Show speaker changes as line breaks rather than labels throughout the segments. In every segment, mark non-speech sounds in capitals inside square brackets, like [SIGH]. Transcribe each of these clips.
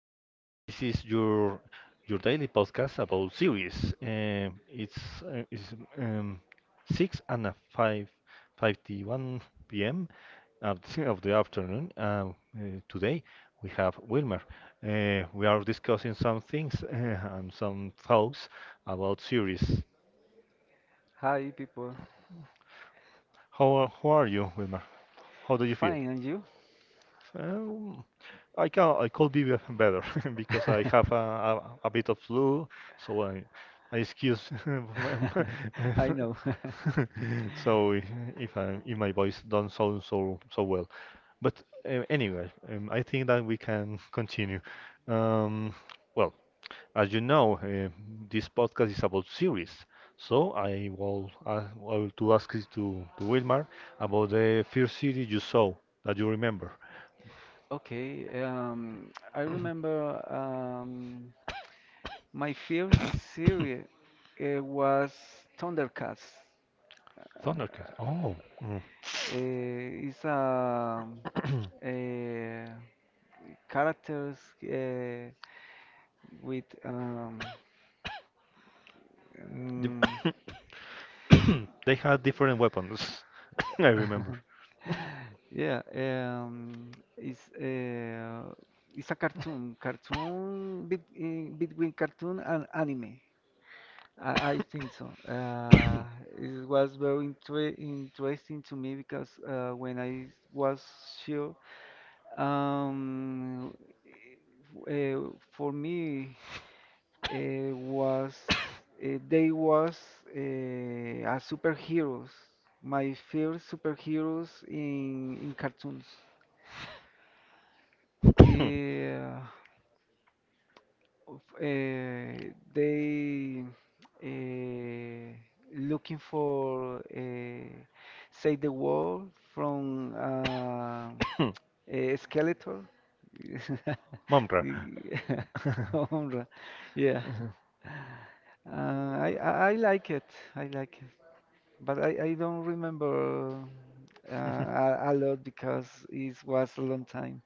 This is your daily podcast about series. It's six and a 5:51 p.m. of the afternoon. Today we have Wilmer. We are discussing some things and some thoughts about series.
Hi, people.
How are you, Wilmer? How do you feel?
Fine, and you?
Um, I could be [LAUGHS] better [LAUGHS] because I have a bit of flu, so I excuse [LAUGHS] my-
[LAUGHS] I know. [LAUGHS]
[LAUGHS] so I- if I if my voice don't sound so well. But anyway, I think that we can continue. Um, well, as you know, this podcast is about series, so I will to ask you to Wilmar about the first series you saw that you remember.
Okay, I remember my first series was Thundercats. Uh,
Thundercat. Oh. Mm. [COUGHS]
it's a characters uh, with
The-
mm,
[COUGHS] they had different weapons. [COUGHS] I remember.
[LAUGHS] Yeah, it's uh, it's a cartoon, between cartoon and anime. I think so. It was very interesting to me because when I was sure, um, for me was they was a superheroes, my first superheroes in cartoons.
[COUGHS]
Yeah, they eh, looking for save the world from a Skeletor. [LAUGHS]
Mumra.
Y- [LAUGHS]
[LAUGHS]
Homra. Yeah,
[LAUGHS]
uh, I like it. I like it, but I don't remember a lot because it
Yeah.
was a
[LAUGHS]
long time.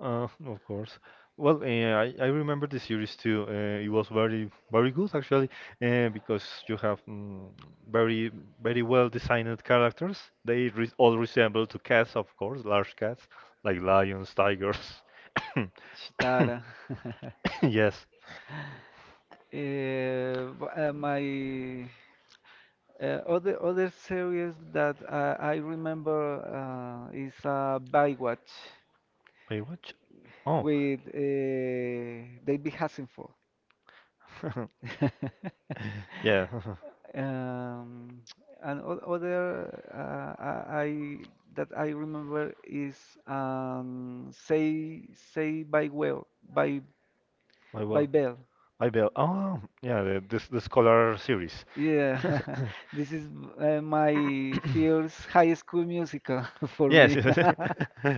[LAUGHS] Of course. Well, I remember the series too. It was very good actually, because you have very very well designed characters. They re all resemble to cats, of course, large cats like lions, tigers. [COUGHS]
Shitara. [LAUGHS]
Yes.
My other series that I remember is Baywatch
Baywatch? Oh,
with David Hasselhoff.
[LAUGHS]
[LAUGHS]
yeah.
Um, and other, uh, I I- that I remember is Say by Well by
[LAUGHS] My well,
by Bell.
my bell. Oh, yeah. The this the scholar series. [LAUGHS]
Yeah, [LAUGHS] this is my first high school
[COUGHS]
musical [LAUGHS]
[LAUGHS]
for
Yes.
me.
Real. [LAUGHS]
[LAUGHS]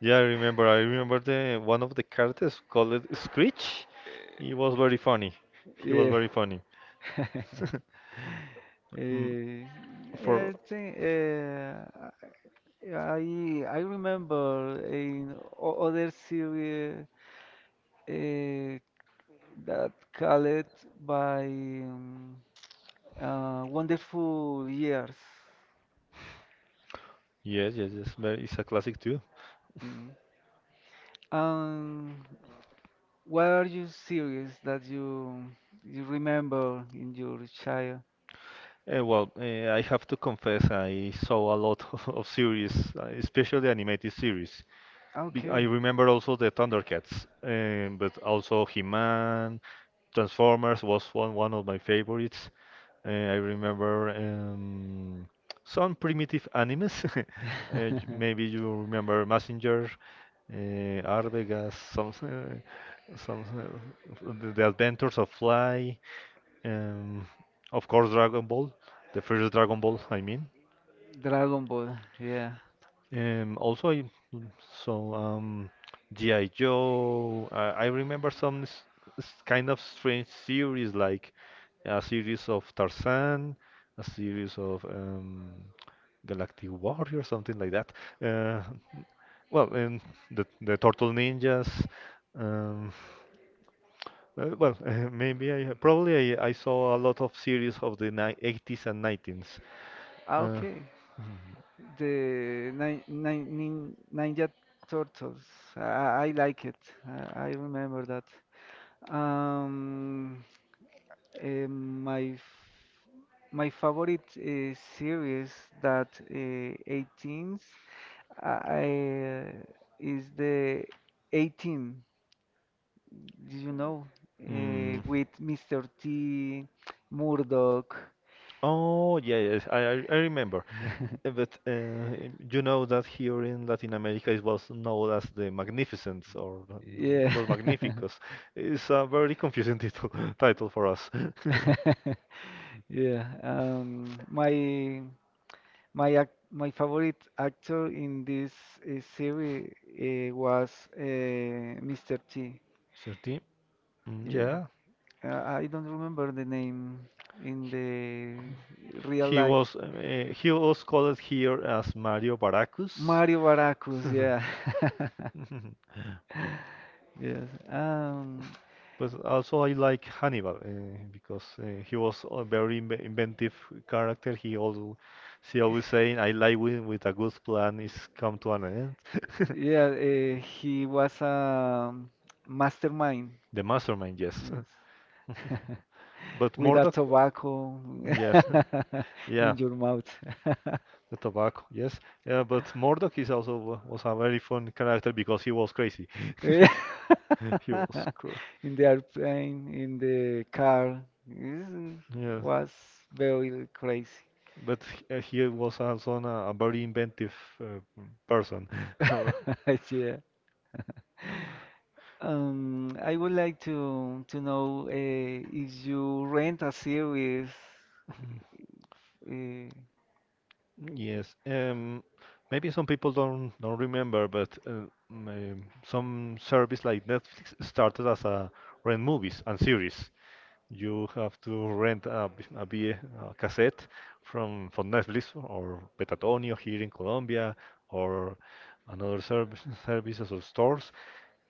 Yeah, I remember. I remember the one of the characters called Screech. He was very funny. He was
Yeah.
very, yeah, funny.
[LAUGHS]
[LAUGHS] Mm,
Uh,
For
I think
Uh,
I I remember in other series uh, that called by Wonderful Years.
yes, yes, yes. Very- it's a classic too.
Mm. Um, what are your series that you remember in your child?
Well, I have to confess, I saw a lot [LAUGHS] of series, especially animated series. I
Okay.
remember also the Thundercats, but also He-Man, Transformers was one of my favorites. I remember some primitive animes. [LAUGHS] Maybe
[LAUGHS]
you remember Messenger, Arvegas, some the Adventures of Fly, um, of course Dragon Ball, the first Dragon Ball, I mean.
Dragon Ball, yeah.
Also, I so G.I. Joe. I remember kind of strange series, like a series of Tarzan, a series of Galactic Warrior, something like that. Uh, and the Turtle Ninjas. Um, well, [LAUGHS] maybe I Probably I saw a lot of series of the ni 80s and 90s.
Ah,
Uh,
okay.
mm,
The Ninja Turtles. I like it. I remember that. Um, eh, my f- my favorite series that 18s uh, is the 18. Did you know?
mm.
With Mr. T, Murdoch.
Oh, yeah, yes, I remember. But
[LAUGHS]
you know that here in Latin America it was known as the Magnificent or yeah,
Yeah.
Los Magníficos. It's a very confusing title [LAUGHS] title for us. [LAUGHS]
[LAUGHS] Yeah. My favorite actor in this series was uh, Mr. T.
Certi? Yeah.
Yeah.
Yeah,
I don't remember the name in the real life.
He was called here as Mario Baracus.
Mario Baracus, yeah.
[LAUGHS] Yeah.
[LAUGHS] Yes.
But also I like Hannibal because he was a inventive character. He always saying, "I like when with a good plan is come to an end." [LAUGHS]
Yeah, he was a mastermind.
The mastermind, yes. [LAUGHS]
Yes. [LAUGHS]
But
With a
Murdoch,
tobacco
yes,
[LAUGHS]
yeah,
in your mouth. [LAUGHS]
the tobacco, yes. Yeah, but Murdoch is also was a very fun character because he was crazy.
Yeah.
[LAUGHS] He was
[LAUGHS]
crazy.
In the airplane, in the car. It
Yeah.
was very crazy.
But he was also a very inventive uh, person. [LAUGHS]
[LAUGHS] Yeah. I would like to know if you rent a series uh,
Yes, maybe some people don't remember, but some service like Netflix started as a rent movies and series you have to rent a cassette from Netflix or Petatonio here in Colombia or another service, services or stores.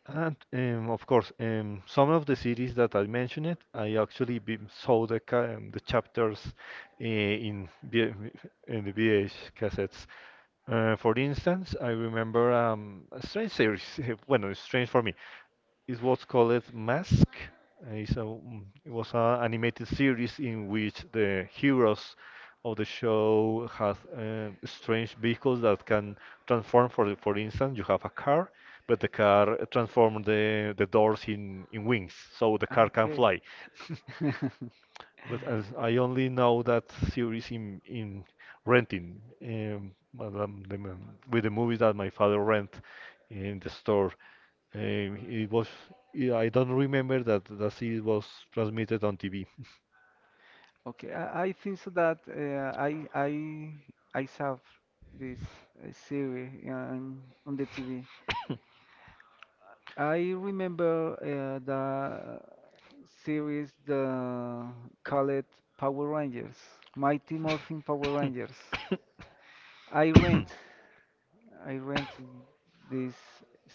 And of course, some of the series that I mentioned, I actually saw the chapters uh, in V- in the VH cassettes. For instance, I remember a strange series. [LAUGHS] Well, it's strange for me. It was called Mask. It's a, mm, it was an animated series in which the heroes of the show have strange vehicles that can transform. For instance, you have a car, but the car transforms the doors in wings, so the
Ah,
car can
okay.
fly. [LAUGHS]
[LAUGHS]
But as I only know that series in renting, the, with the movies that my father rent in the store. It was. Yeah, I don't remember that the series was transmitted on TV.
Okay. I think so that I saw this series, yeah, on the TV. I remember the series the called Power Rangers, Mighty Morphin Power Rangers. I rent I rent this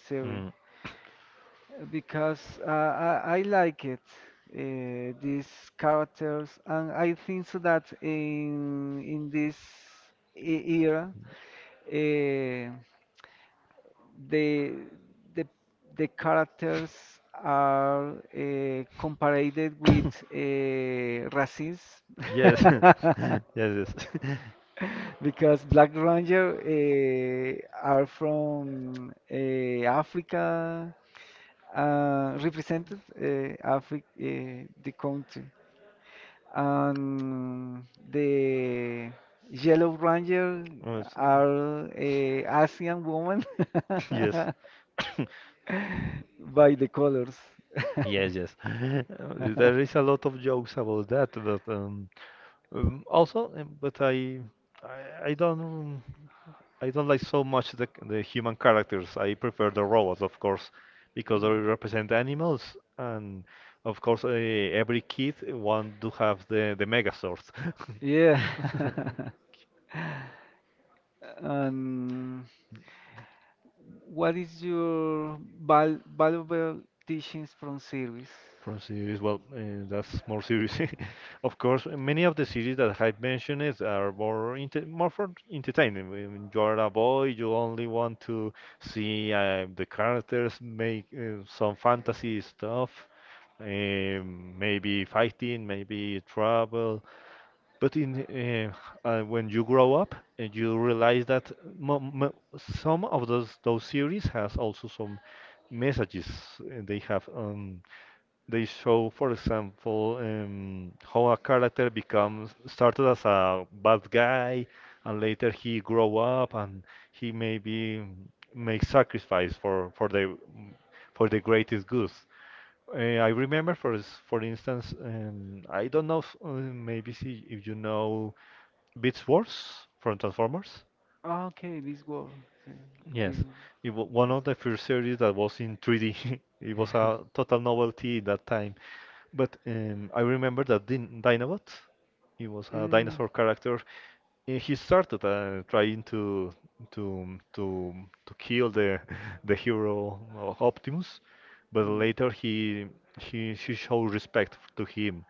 series.
Mm,
Because I like it, these characters, and I think so that in this era, uh, the the the characters are compared with races.
yes, [LAUGHS] yes,
[LAUGHS]
yes. [LAUGHS]
Because Black Ranger are from Africa, represented Africa, the country. And the Yellow Ranger
So-
are Asian women
[LAUGHS] Yes,
[LAUGHS]
[COUGHS]
by the colors.
yes, yes. [LAUGHS] There is
[LAUGHS]
a lot of jokes about that, but also, but I, I don't, I don't like so much the human characters. I prefer the robots, of course, because they represent animals, and of course, every kid want to have the Megazord.
Yeah. [LAUGHS]
[LAUGHS]
And what is your valuable teachings from series?
From series, well, that's more serious. [LAUGHS] Of course, many of the series that I've mentioned is are more for entertainment. When you are a boy, you only want to see the characters make some fantasy stuff, maybe fighting, maybe travel. But in When you grow up, you realize that mo mo some of those series has also some messages they have on they show, for example, how a character becomes started as a bad guy, and later he grow up and he maybe make sacrifice for the greatest good. I remember, for instance, I don't know if, maybe see if you know Beast Wars from Transformers.
Okay, this one. Okay, this
Yes,
one.
it was one of the first series that was in 3D. [LAUGHS] It was a total novelty at that time. But I remember that Dinobot, he was a
Mm.
dinosaur character. And he started trying to to to kill the [LAUGHS] the hero of Optimus, but
Mm.
later he she showed respect to him,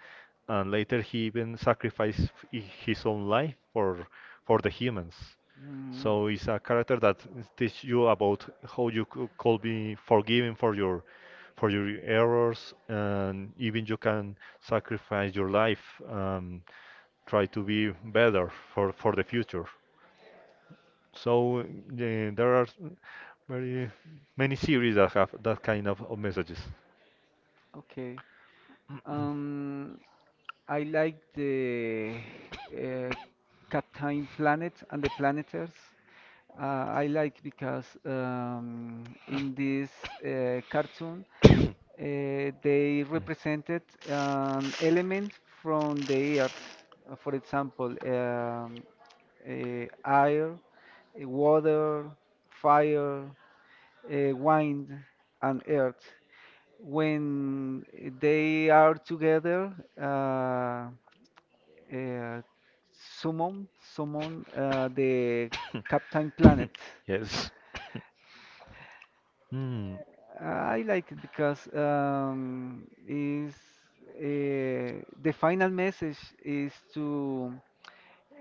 and later he even sacrificed his own life for the humans.
Mm. Mm.
So it's a character that teach you about how could be forgiven for your errors, and even you can sacrifice your life, try to be better for the future. So there are very many series that have that kind of messages.
Okay. Um, I like the uh, Captain Planet and the Planeters. I like because in this cartoon they represented an element from the earth. For example, air, water, fire, wind, and earth. When they are together, uh, uh, summon the Captain Planet.
[COUGHS] Yes. Mm,
I like it because is the final message is to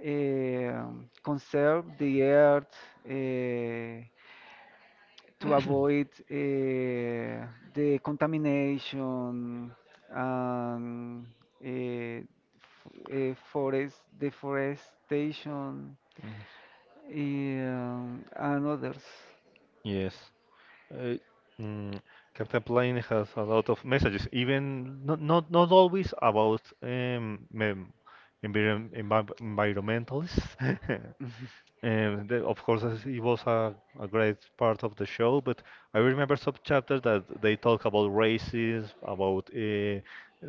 conserve the earth, uh, to avoid the contamination and forest deforestation,
mm,
and others.
yes. Uh, mm, Captain Planet has a lot of messages, even not not, not always about environmentalists. [LAUGHS]
[LAUGHS]
Of course, as it was a great part of the show, but I remember some chapters that they talk about races, about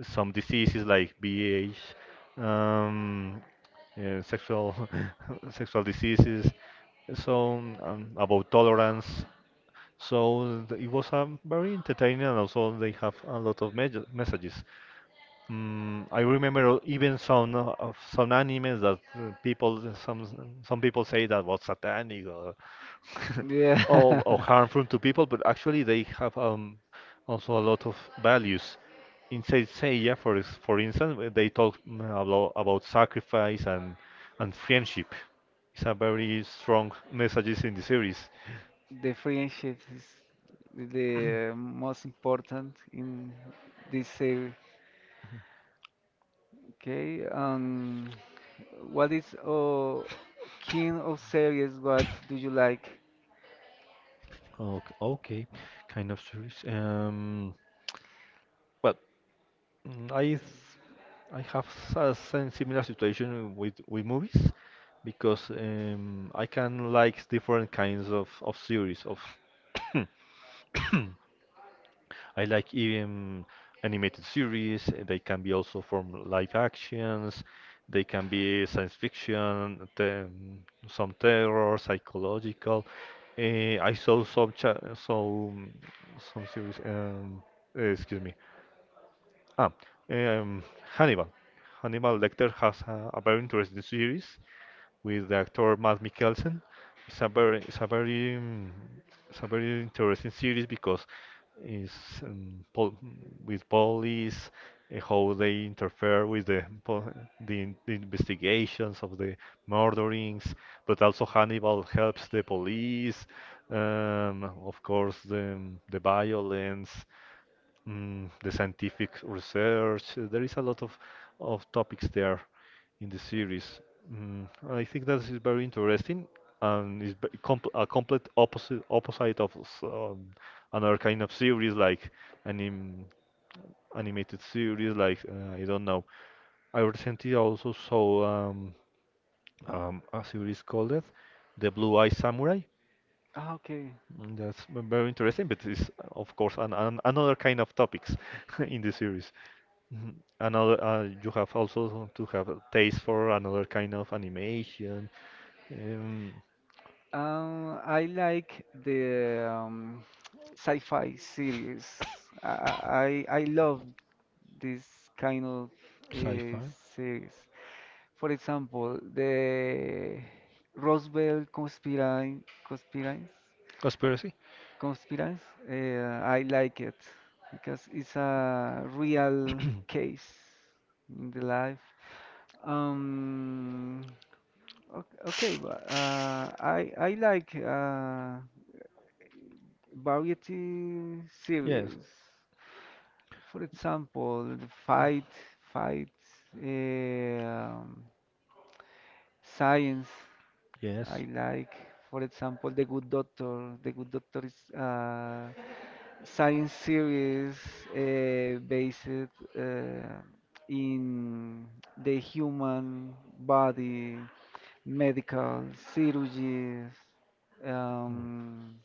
some diseases like B.H. um, sexual [LAUGHS] sexual diseases, so about tolerance. It was very entertaining, and also they have a lot of messages. Mm, I remember even some of some animes that people some people say that was satanic or [LAUGHS] or
Yeah,
harmful to people, but actually they have also a lot of values. In Saint Seiya, for instance, where they talk about sacrifice and friendship. It's a very strong messages in the series.
the friendship is the most important in this series. Okay, what is king of series? What do you like?
Okay, okay, kind of serious. Well, mm, I th- I have a similar situation with movies because I can like different kinds of series of [COUGHS] I like even animated series. They can be also from live actions. They can be science fiction, some terror, psychological. Eh, I saw some cha some series. Eh, excuse me. Ah, um, Hannibal. Hannibal Lecter has a very interesting series with the actor Matt Mikkelsen. It's a very, it's a very, um, it's a very interesting series because it's pol with police, how they interfere with the investigations of the murderings, but also Hannibal helps the police. Of course, the violence, the scientific research. There is a lot of topics there in the series. I think that is very interesting and is b- comp a complete opposite of another kind of series like anim animated series like I don't know. I recently also saw a series called it, The Blue Eye Samurai.
Ah, okay.
Mm, very interesting, but it's of course another kind of topics [LAUGHS] in the series. Mhm. Another, you have also to have a taste for another kind of animation. Um,
I like the sci-fi series. I love this kind of uh,
sci-fi,
series. For example, the Roswell Conspirine, Conspirines,
conspiracy.
Conspirines. I like it because it's a real case in the life. Um, Okay, okay, but, I like variety
Yes,
series. For example, the fight, um, science.
yes.
I like, for example, The Good Doctor. The Good Doctor is science series based in the human body, medical surgeries. Um,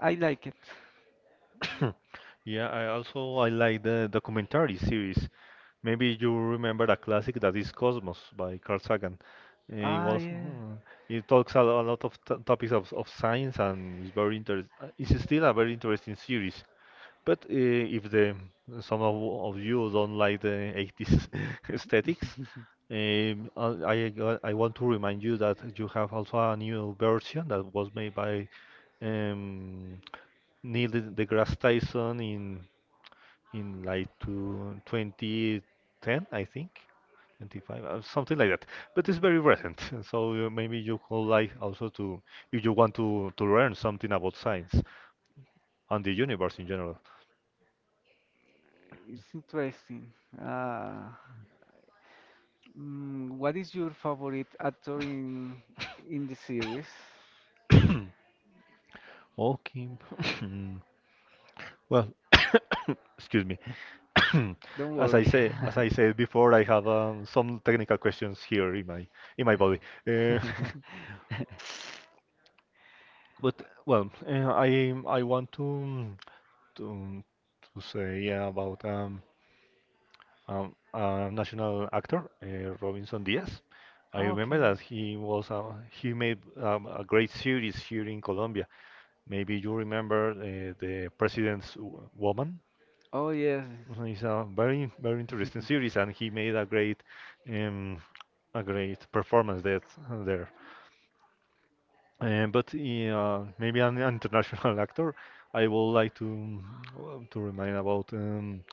I like it.
[CLEARS THROAT] [LAUGHS] Yeah, I also I like the documentary series. Maybe you remember a classic that is Cosmos by Carl Sagan. It
Ah,
was
yeah.
it talks a, a lot of t topics of science and it's very interest. It's still a very interesting series. But if the some of you don't like the 80s [LAUGHS] aesthetics,
[LAUGHS]
I want to remind you that you have also a new version that was made by um, Neil deGrasse Tyson in like 2010, I think, 25, something like that. But it's very recent, [LAUGHS] so maybe you could like also to if you want to learn something about science and the universe in general.
It's interesting. Uh, what is your favorite actor in the series?
[COUGHS] Okay. [COUGHS] Well, [COUGHS] excuse me. [COUGHS]
Don't
As
worry.
as I said before, I
[LAUGHS]
have some technical questions here in my body. Uh, [LAUGHS] but well, I want to to say yeah, about a national actor, Robinson Diaz. I remember
Okay.
that he made a great series here in Colombia. Maybe you remember the President's Woman.
Oh, yes.
It's a very very interesting series,
[LAUGHS]
and he made um, a great performance there. Maybe an international [LAUGHS] actor, I would like to to remind about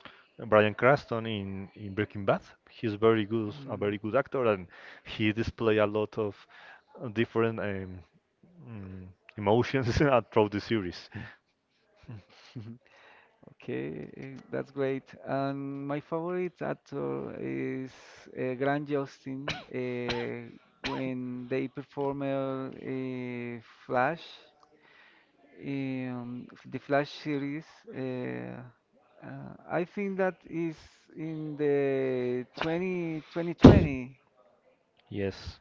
Bryan Cranston in Breaking Bad. He's very good, a very good actor, and he display a lot of different mm, emotions [LAUGHS] throughout the series.
Mm. [LAUGHS] Okay, that's great. And my favorite actor is Grant Justin. When they perform Flash, the Flash series, uh, I think that is in the 20, 2020.
Yes,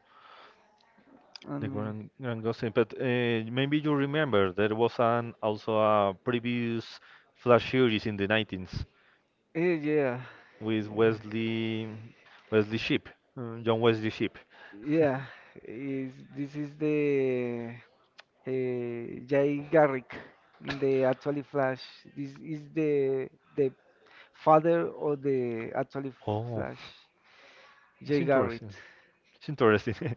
the
Um,
Grand Gossip. But maybe you remember there was an also a previous Flash series in the 90s,
eh, yeah,
with Wesley Shipp, John Wesley Shipp.
Yeah, is this is the Jay Garrick in the
[LAUGHS]
actually Flash. This is the the father of the actually
Oh,
Flash,
it's
Jay Garrick.
interesting. It's interesting [LAUGHS]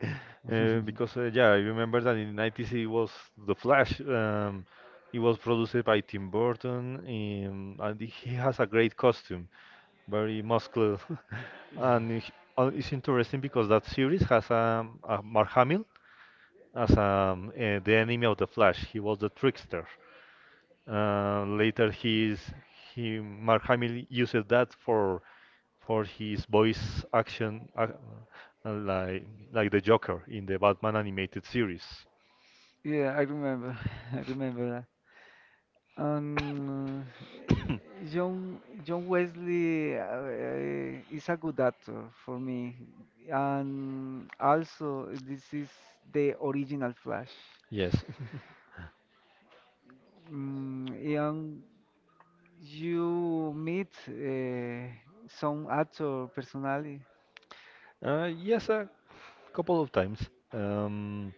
because yeah, I remember that in '90s it was The Flash. It was produced by Tim Burton, and he has a great costume, very muscular, [LAUGHS] and it- it's interesting because that series has a Mark Hamill as the enemy of the Flash. He was the trickster. Later, he Mark Hamill uses that for his voice action, uh, like like the Joker in the Batman animated series.
Yeah, I remember. [LAUGHS] I remember that. Um, John Wesley is a good actor for me, and also this is the original Flash.
Yes,
Ian, you meet some actor personally.
[LAUGHS] yes, a couple of times.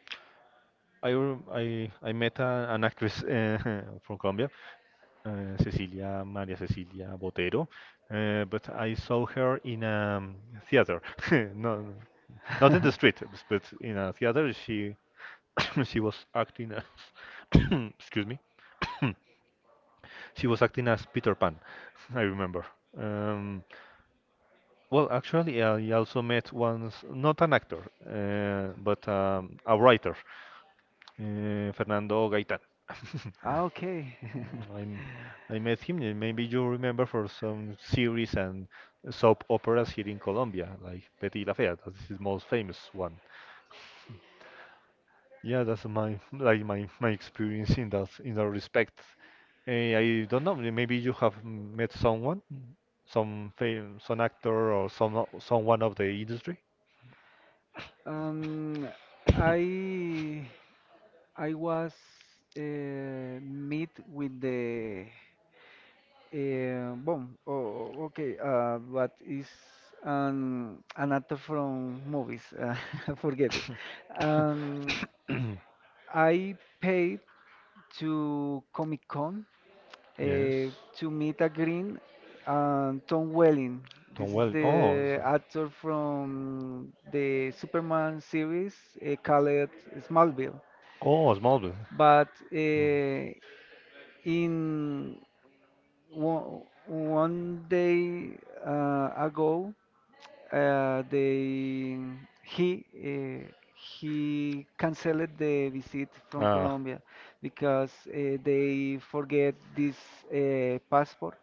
I, rem- I met an actress [LAUGHS] from Colombia, Cecilia Maria Cecilia Botero, but I saw her in a theater, [LAUGHS] no, not in the
[LAUGHS]
street, but in a theater. She [COUGHS] she was acting as [COUGHS] excuse me [COUGHS] she was acting as Peter Pan. [LAUGHS] I remember. um, well, actually, I also met once not an actor but a writer, Fernando Gaitán. [LAUGHS]
Ah, okay. [LAUGHS]
I met him, and maybe you remember for some series and soap operas here in Colombia like Betty la Fea. That's his most famous one. Yeah, that's my my experience in that respect. Eh, I don't know. Maybe you have met someone, some actor or some someone of the industry.
Um, I I was meet with the bomb. Oh, okay. But is an actor from movies. [LAUGHS] Forget it. Um,
[CLEARS THROAT]
I paid to Comic Con
Yes.
to meet a green and Tom Welling.
Tom
This is
Well. Oh.
the actor from the Superman series called Smallville.
Oh, Smallville.
But in one, one day ago, they he canceled the visit from
Ah,
Colombia because they forget this passport.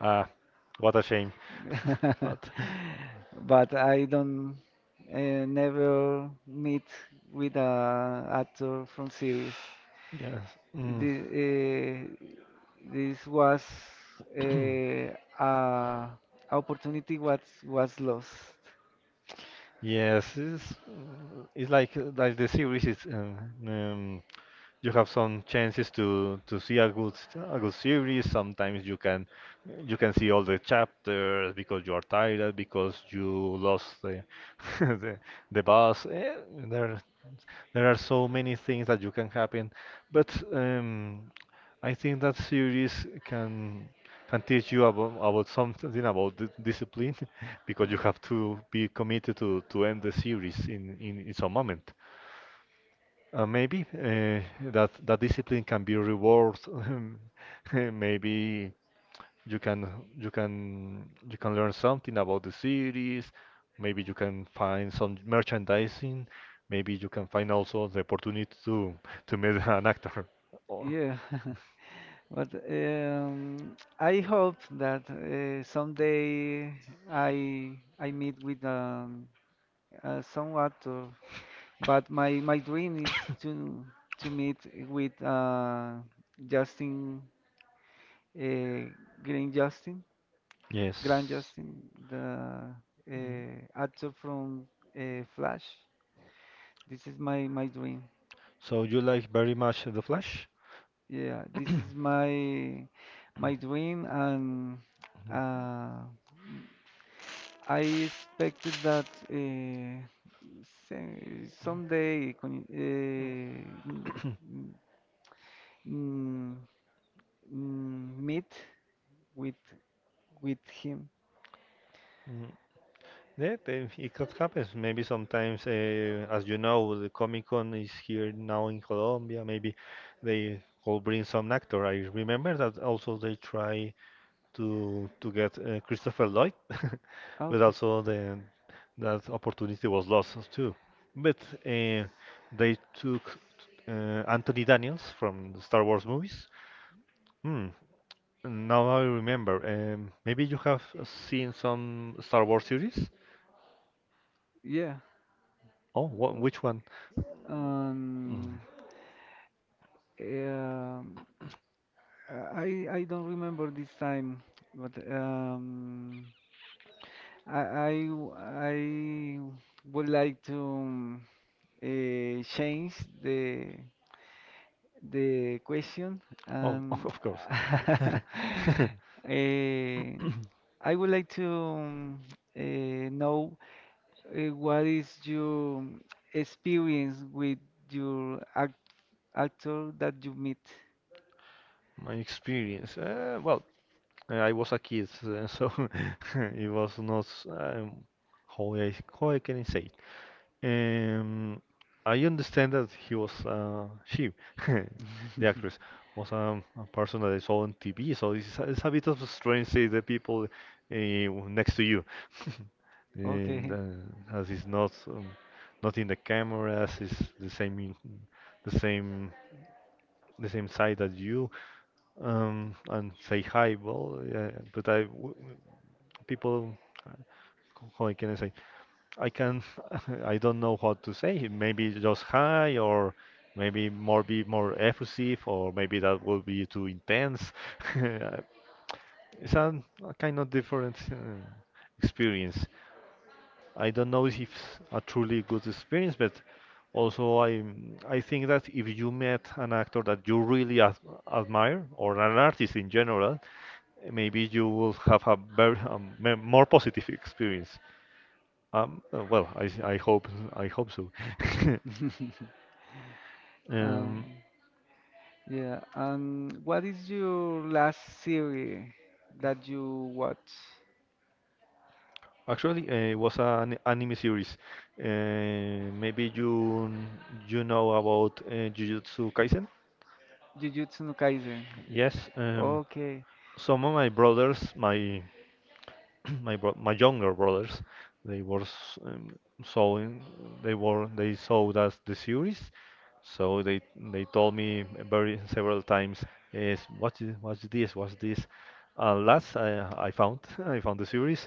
ah. What a shame. [LAUGHS] But
[LAUGHS] But I don't never meet with a actor from series.
yes. Mm.
The, uh, this was uh, a opportunity what was lost.
Yes, it's, mm, it's like the series is um, you have some chances to see a a good series. Sometimes you can see all the chapters because you are tired because you lost the [LAUGHS] the, the bus. Eh, there there are so many things that you can happen, but I think that series can teach you about something about discipline [LAUGHS] because you have to be committed to end the series in some moment. Maybe that that discipline can be reward. [LAUGHS] [LAUGHS] Maybe you can you can learn something about the cities. Maybe you can find some merchandising. Maybe you can find also the opportunity to meet [LAUGHS] an actor. Or
Yeah. [LAUGHS] But I hope that someday I meet with some actor. But my dream is to to meet with Justin uh, Green Justin, Grand
yes.
Justin, the
Mm.
actor from Flash. This is my dream.
So you like very much The Flash?
Yeah, this is my dream, and
Mhm.
uh, I expected that se- someday con- n- n- n- meet with him.
Mm. Yeah, then it could happen. Maybe sometimes, as you know, the Comic Con is here now in Colombia. Maybe they could bring some actor. I remember that also they try to get Christopher Lloyd, [LAUGHS] but
Okay.
also the that opportunity was lost too. But uh, they took Anthony Daniels from the Star Wars movies. Hmm. Now I remember. Maybe you have seen some Star Wars series.
Yeah.
Oh, what? Which one? Mm.
Um. Um. I don't remember this time, but... I would like to change the question,
Oh, [LAUGHS]
and
of course.
[LAUGHS] uh,
[LAUGHS]
I would like to uh, know what is your experience with your actor that you meet?
My experience. Well, I was a kid, so [LAUGHS] it was not. How I how I can say? Um, I understand that he was she, [LAUGHS] the actress, was a person that I saw on TV. So it's a bit of a strange see the people next to you, [LAUGHS] and
Okay.
as it's not not in the camera, as it's the same in, the same the same side as you, and say hi. Well, yeah, but people, how can I say? I can [LAUGHS] I don't know what to say. Maybe just high or maybe more be more effusive or maybe that would be too intense. [LAUGHS] It's a kind of different experience. I don't know if it's a truly good experience, but also I think that if you met an actor that you really ad admire or an artist in general, maybe you will have a very more positive experience. Well, I hope so. [LAUGHS]
[LAUGHS] Um,
Um,
yeah. And what is your last series that you watch?
actually, it was an anime series. Maybe you you know about Jujutsu Kaisen?
Jujutsu no Kaisen.
Yes.
Okay.
Some of my brothers, my [CLEARS THROAT] my younger brothers they were s- sewing they were they sold us the series, so they told me very [LAUGHS] several times, is what is what's this, what's this. And last I found [LAUGHS] I found the series.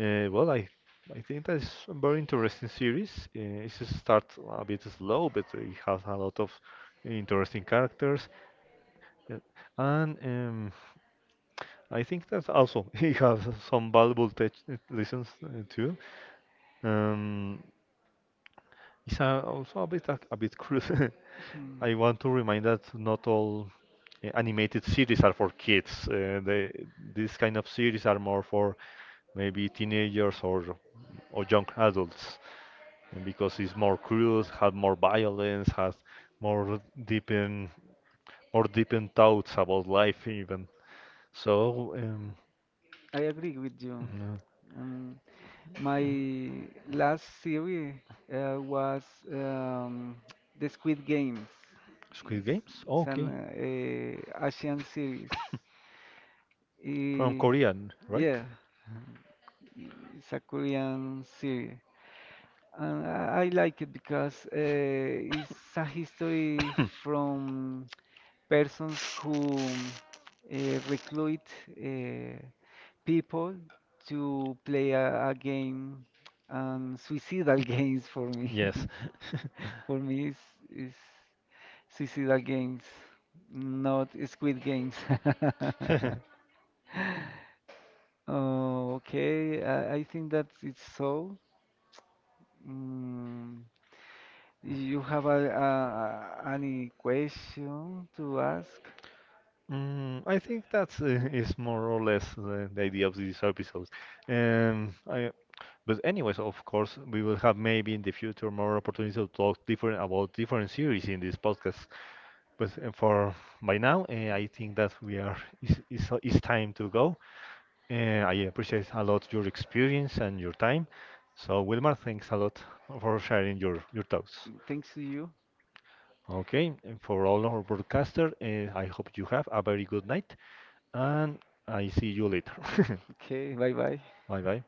uh, well I I think that's a very interesting series. It starts a bit slow but it has a lot of interesting characters, yeah. And I think that also [LAUGHS] he has some valuable tech lessons, too. Um, it's a, also a bit cruel. [LAUGHS] I
[CLEARS THROAT]
want to remind that not all animated series are for kids. They, this kind of series are more for maybe teenagers or young adults, and because it's more cruel, has more violence, has more deepen more deepened thoughts about life even. So.
I agree with you.
Mhm.
Um, My last series was um, [TSK] The Squid Games.
Squid
It's,
Games? Oh,
it's an
okay.
Asian series.
From
Eh,
Korean, right?
yeah, it's a Korean series. And I like it because it's a history from persons who uh, recruit uh, people to play a game and suicidal [LAUGHS] games for me.
Yes.
For me, it's Suicidal Games, not Squid Games. [LAUGHS]
[LAUGHS]
Oh, okay. I think that it's so. Mm, you have any question to ask?
Mm, I think that's is more or less the idea of these episodes. Um, I, but anyways, of course, we will have maybe in the future more opportunities to talk different about different series in this podcast. But for by now, I think that we are is it's time to go. Uh, I appreciate a lot your experience and your time. So, Wilmar, thanks a lot for sharing your thoughts.
Thanks to you.
Okay, and for all our broadcaster, I hope you have a very good night and I see you later. [LAUGHS]
Okay, bye bye.
Bye bye.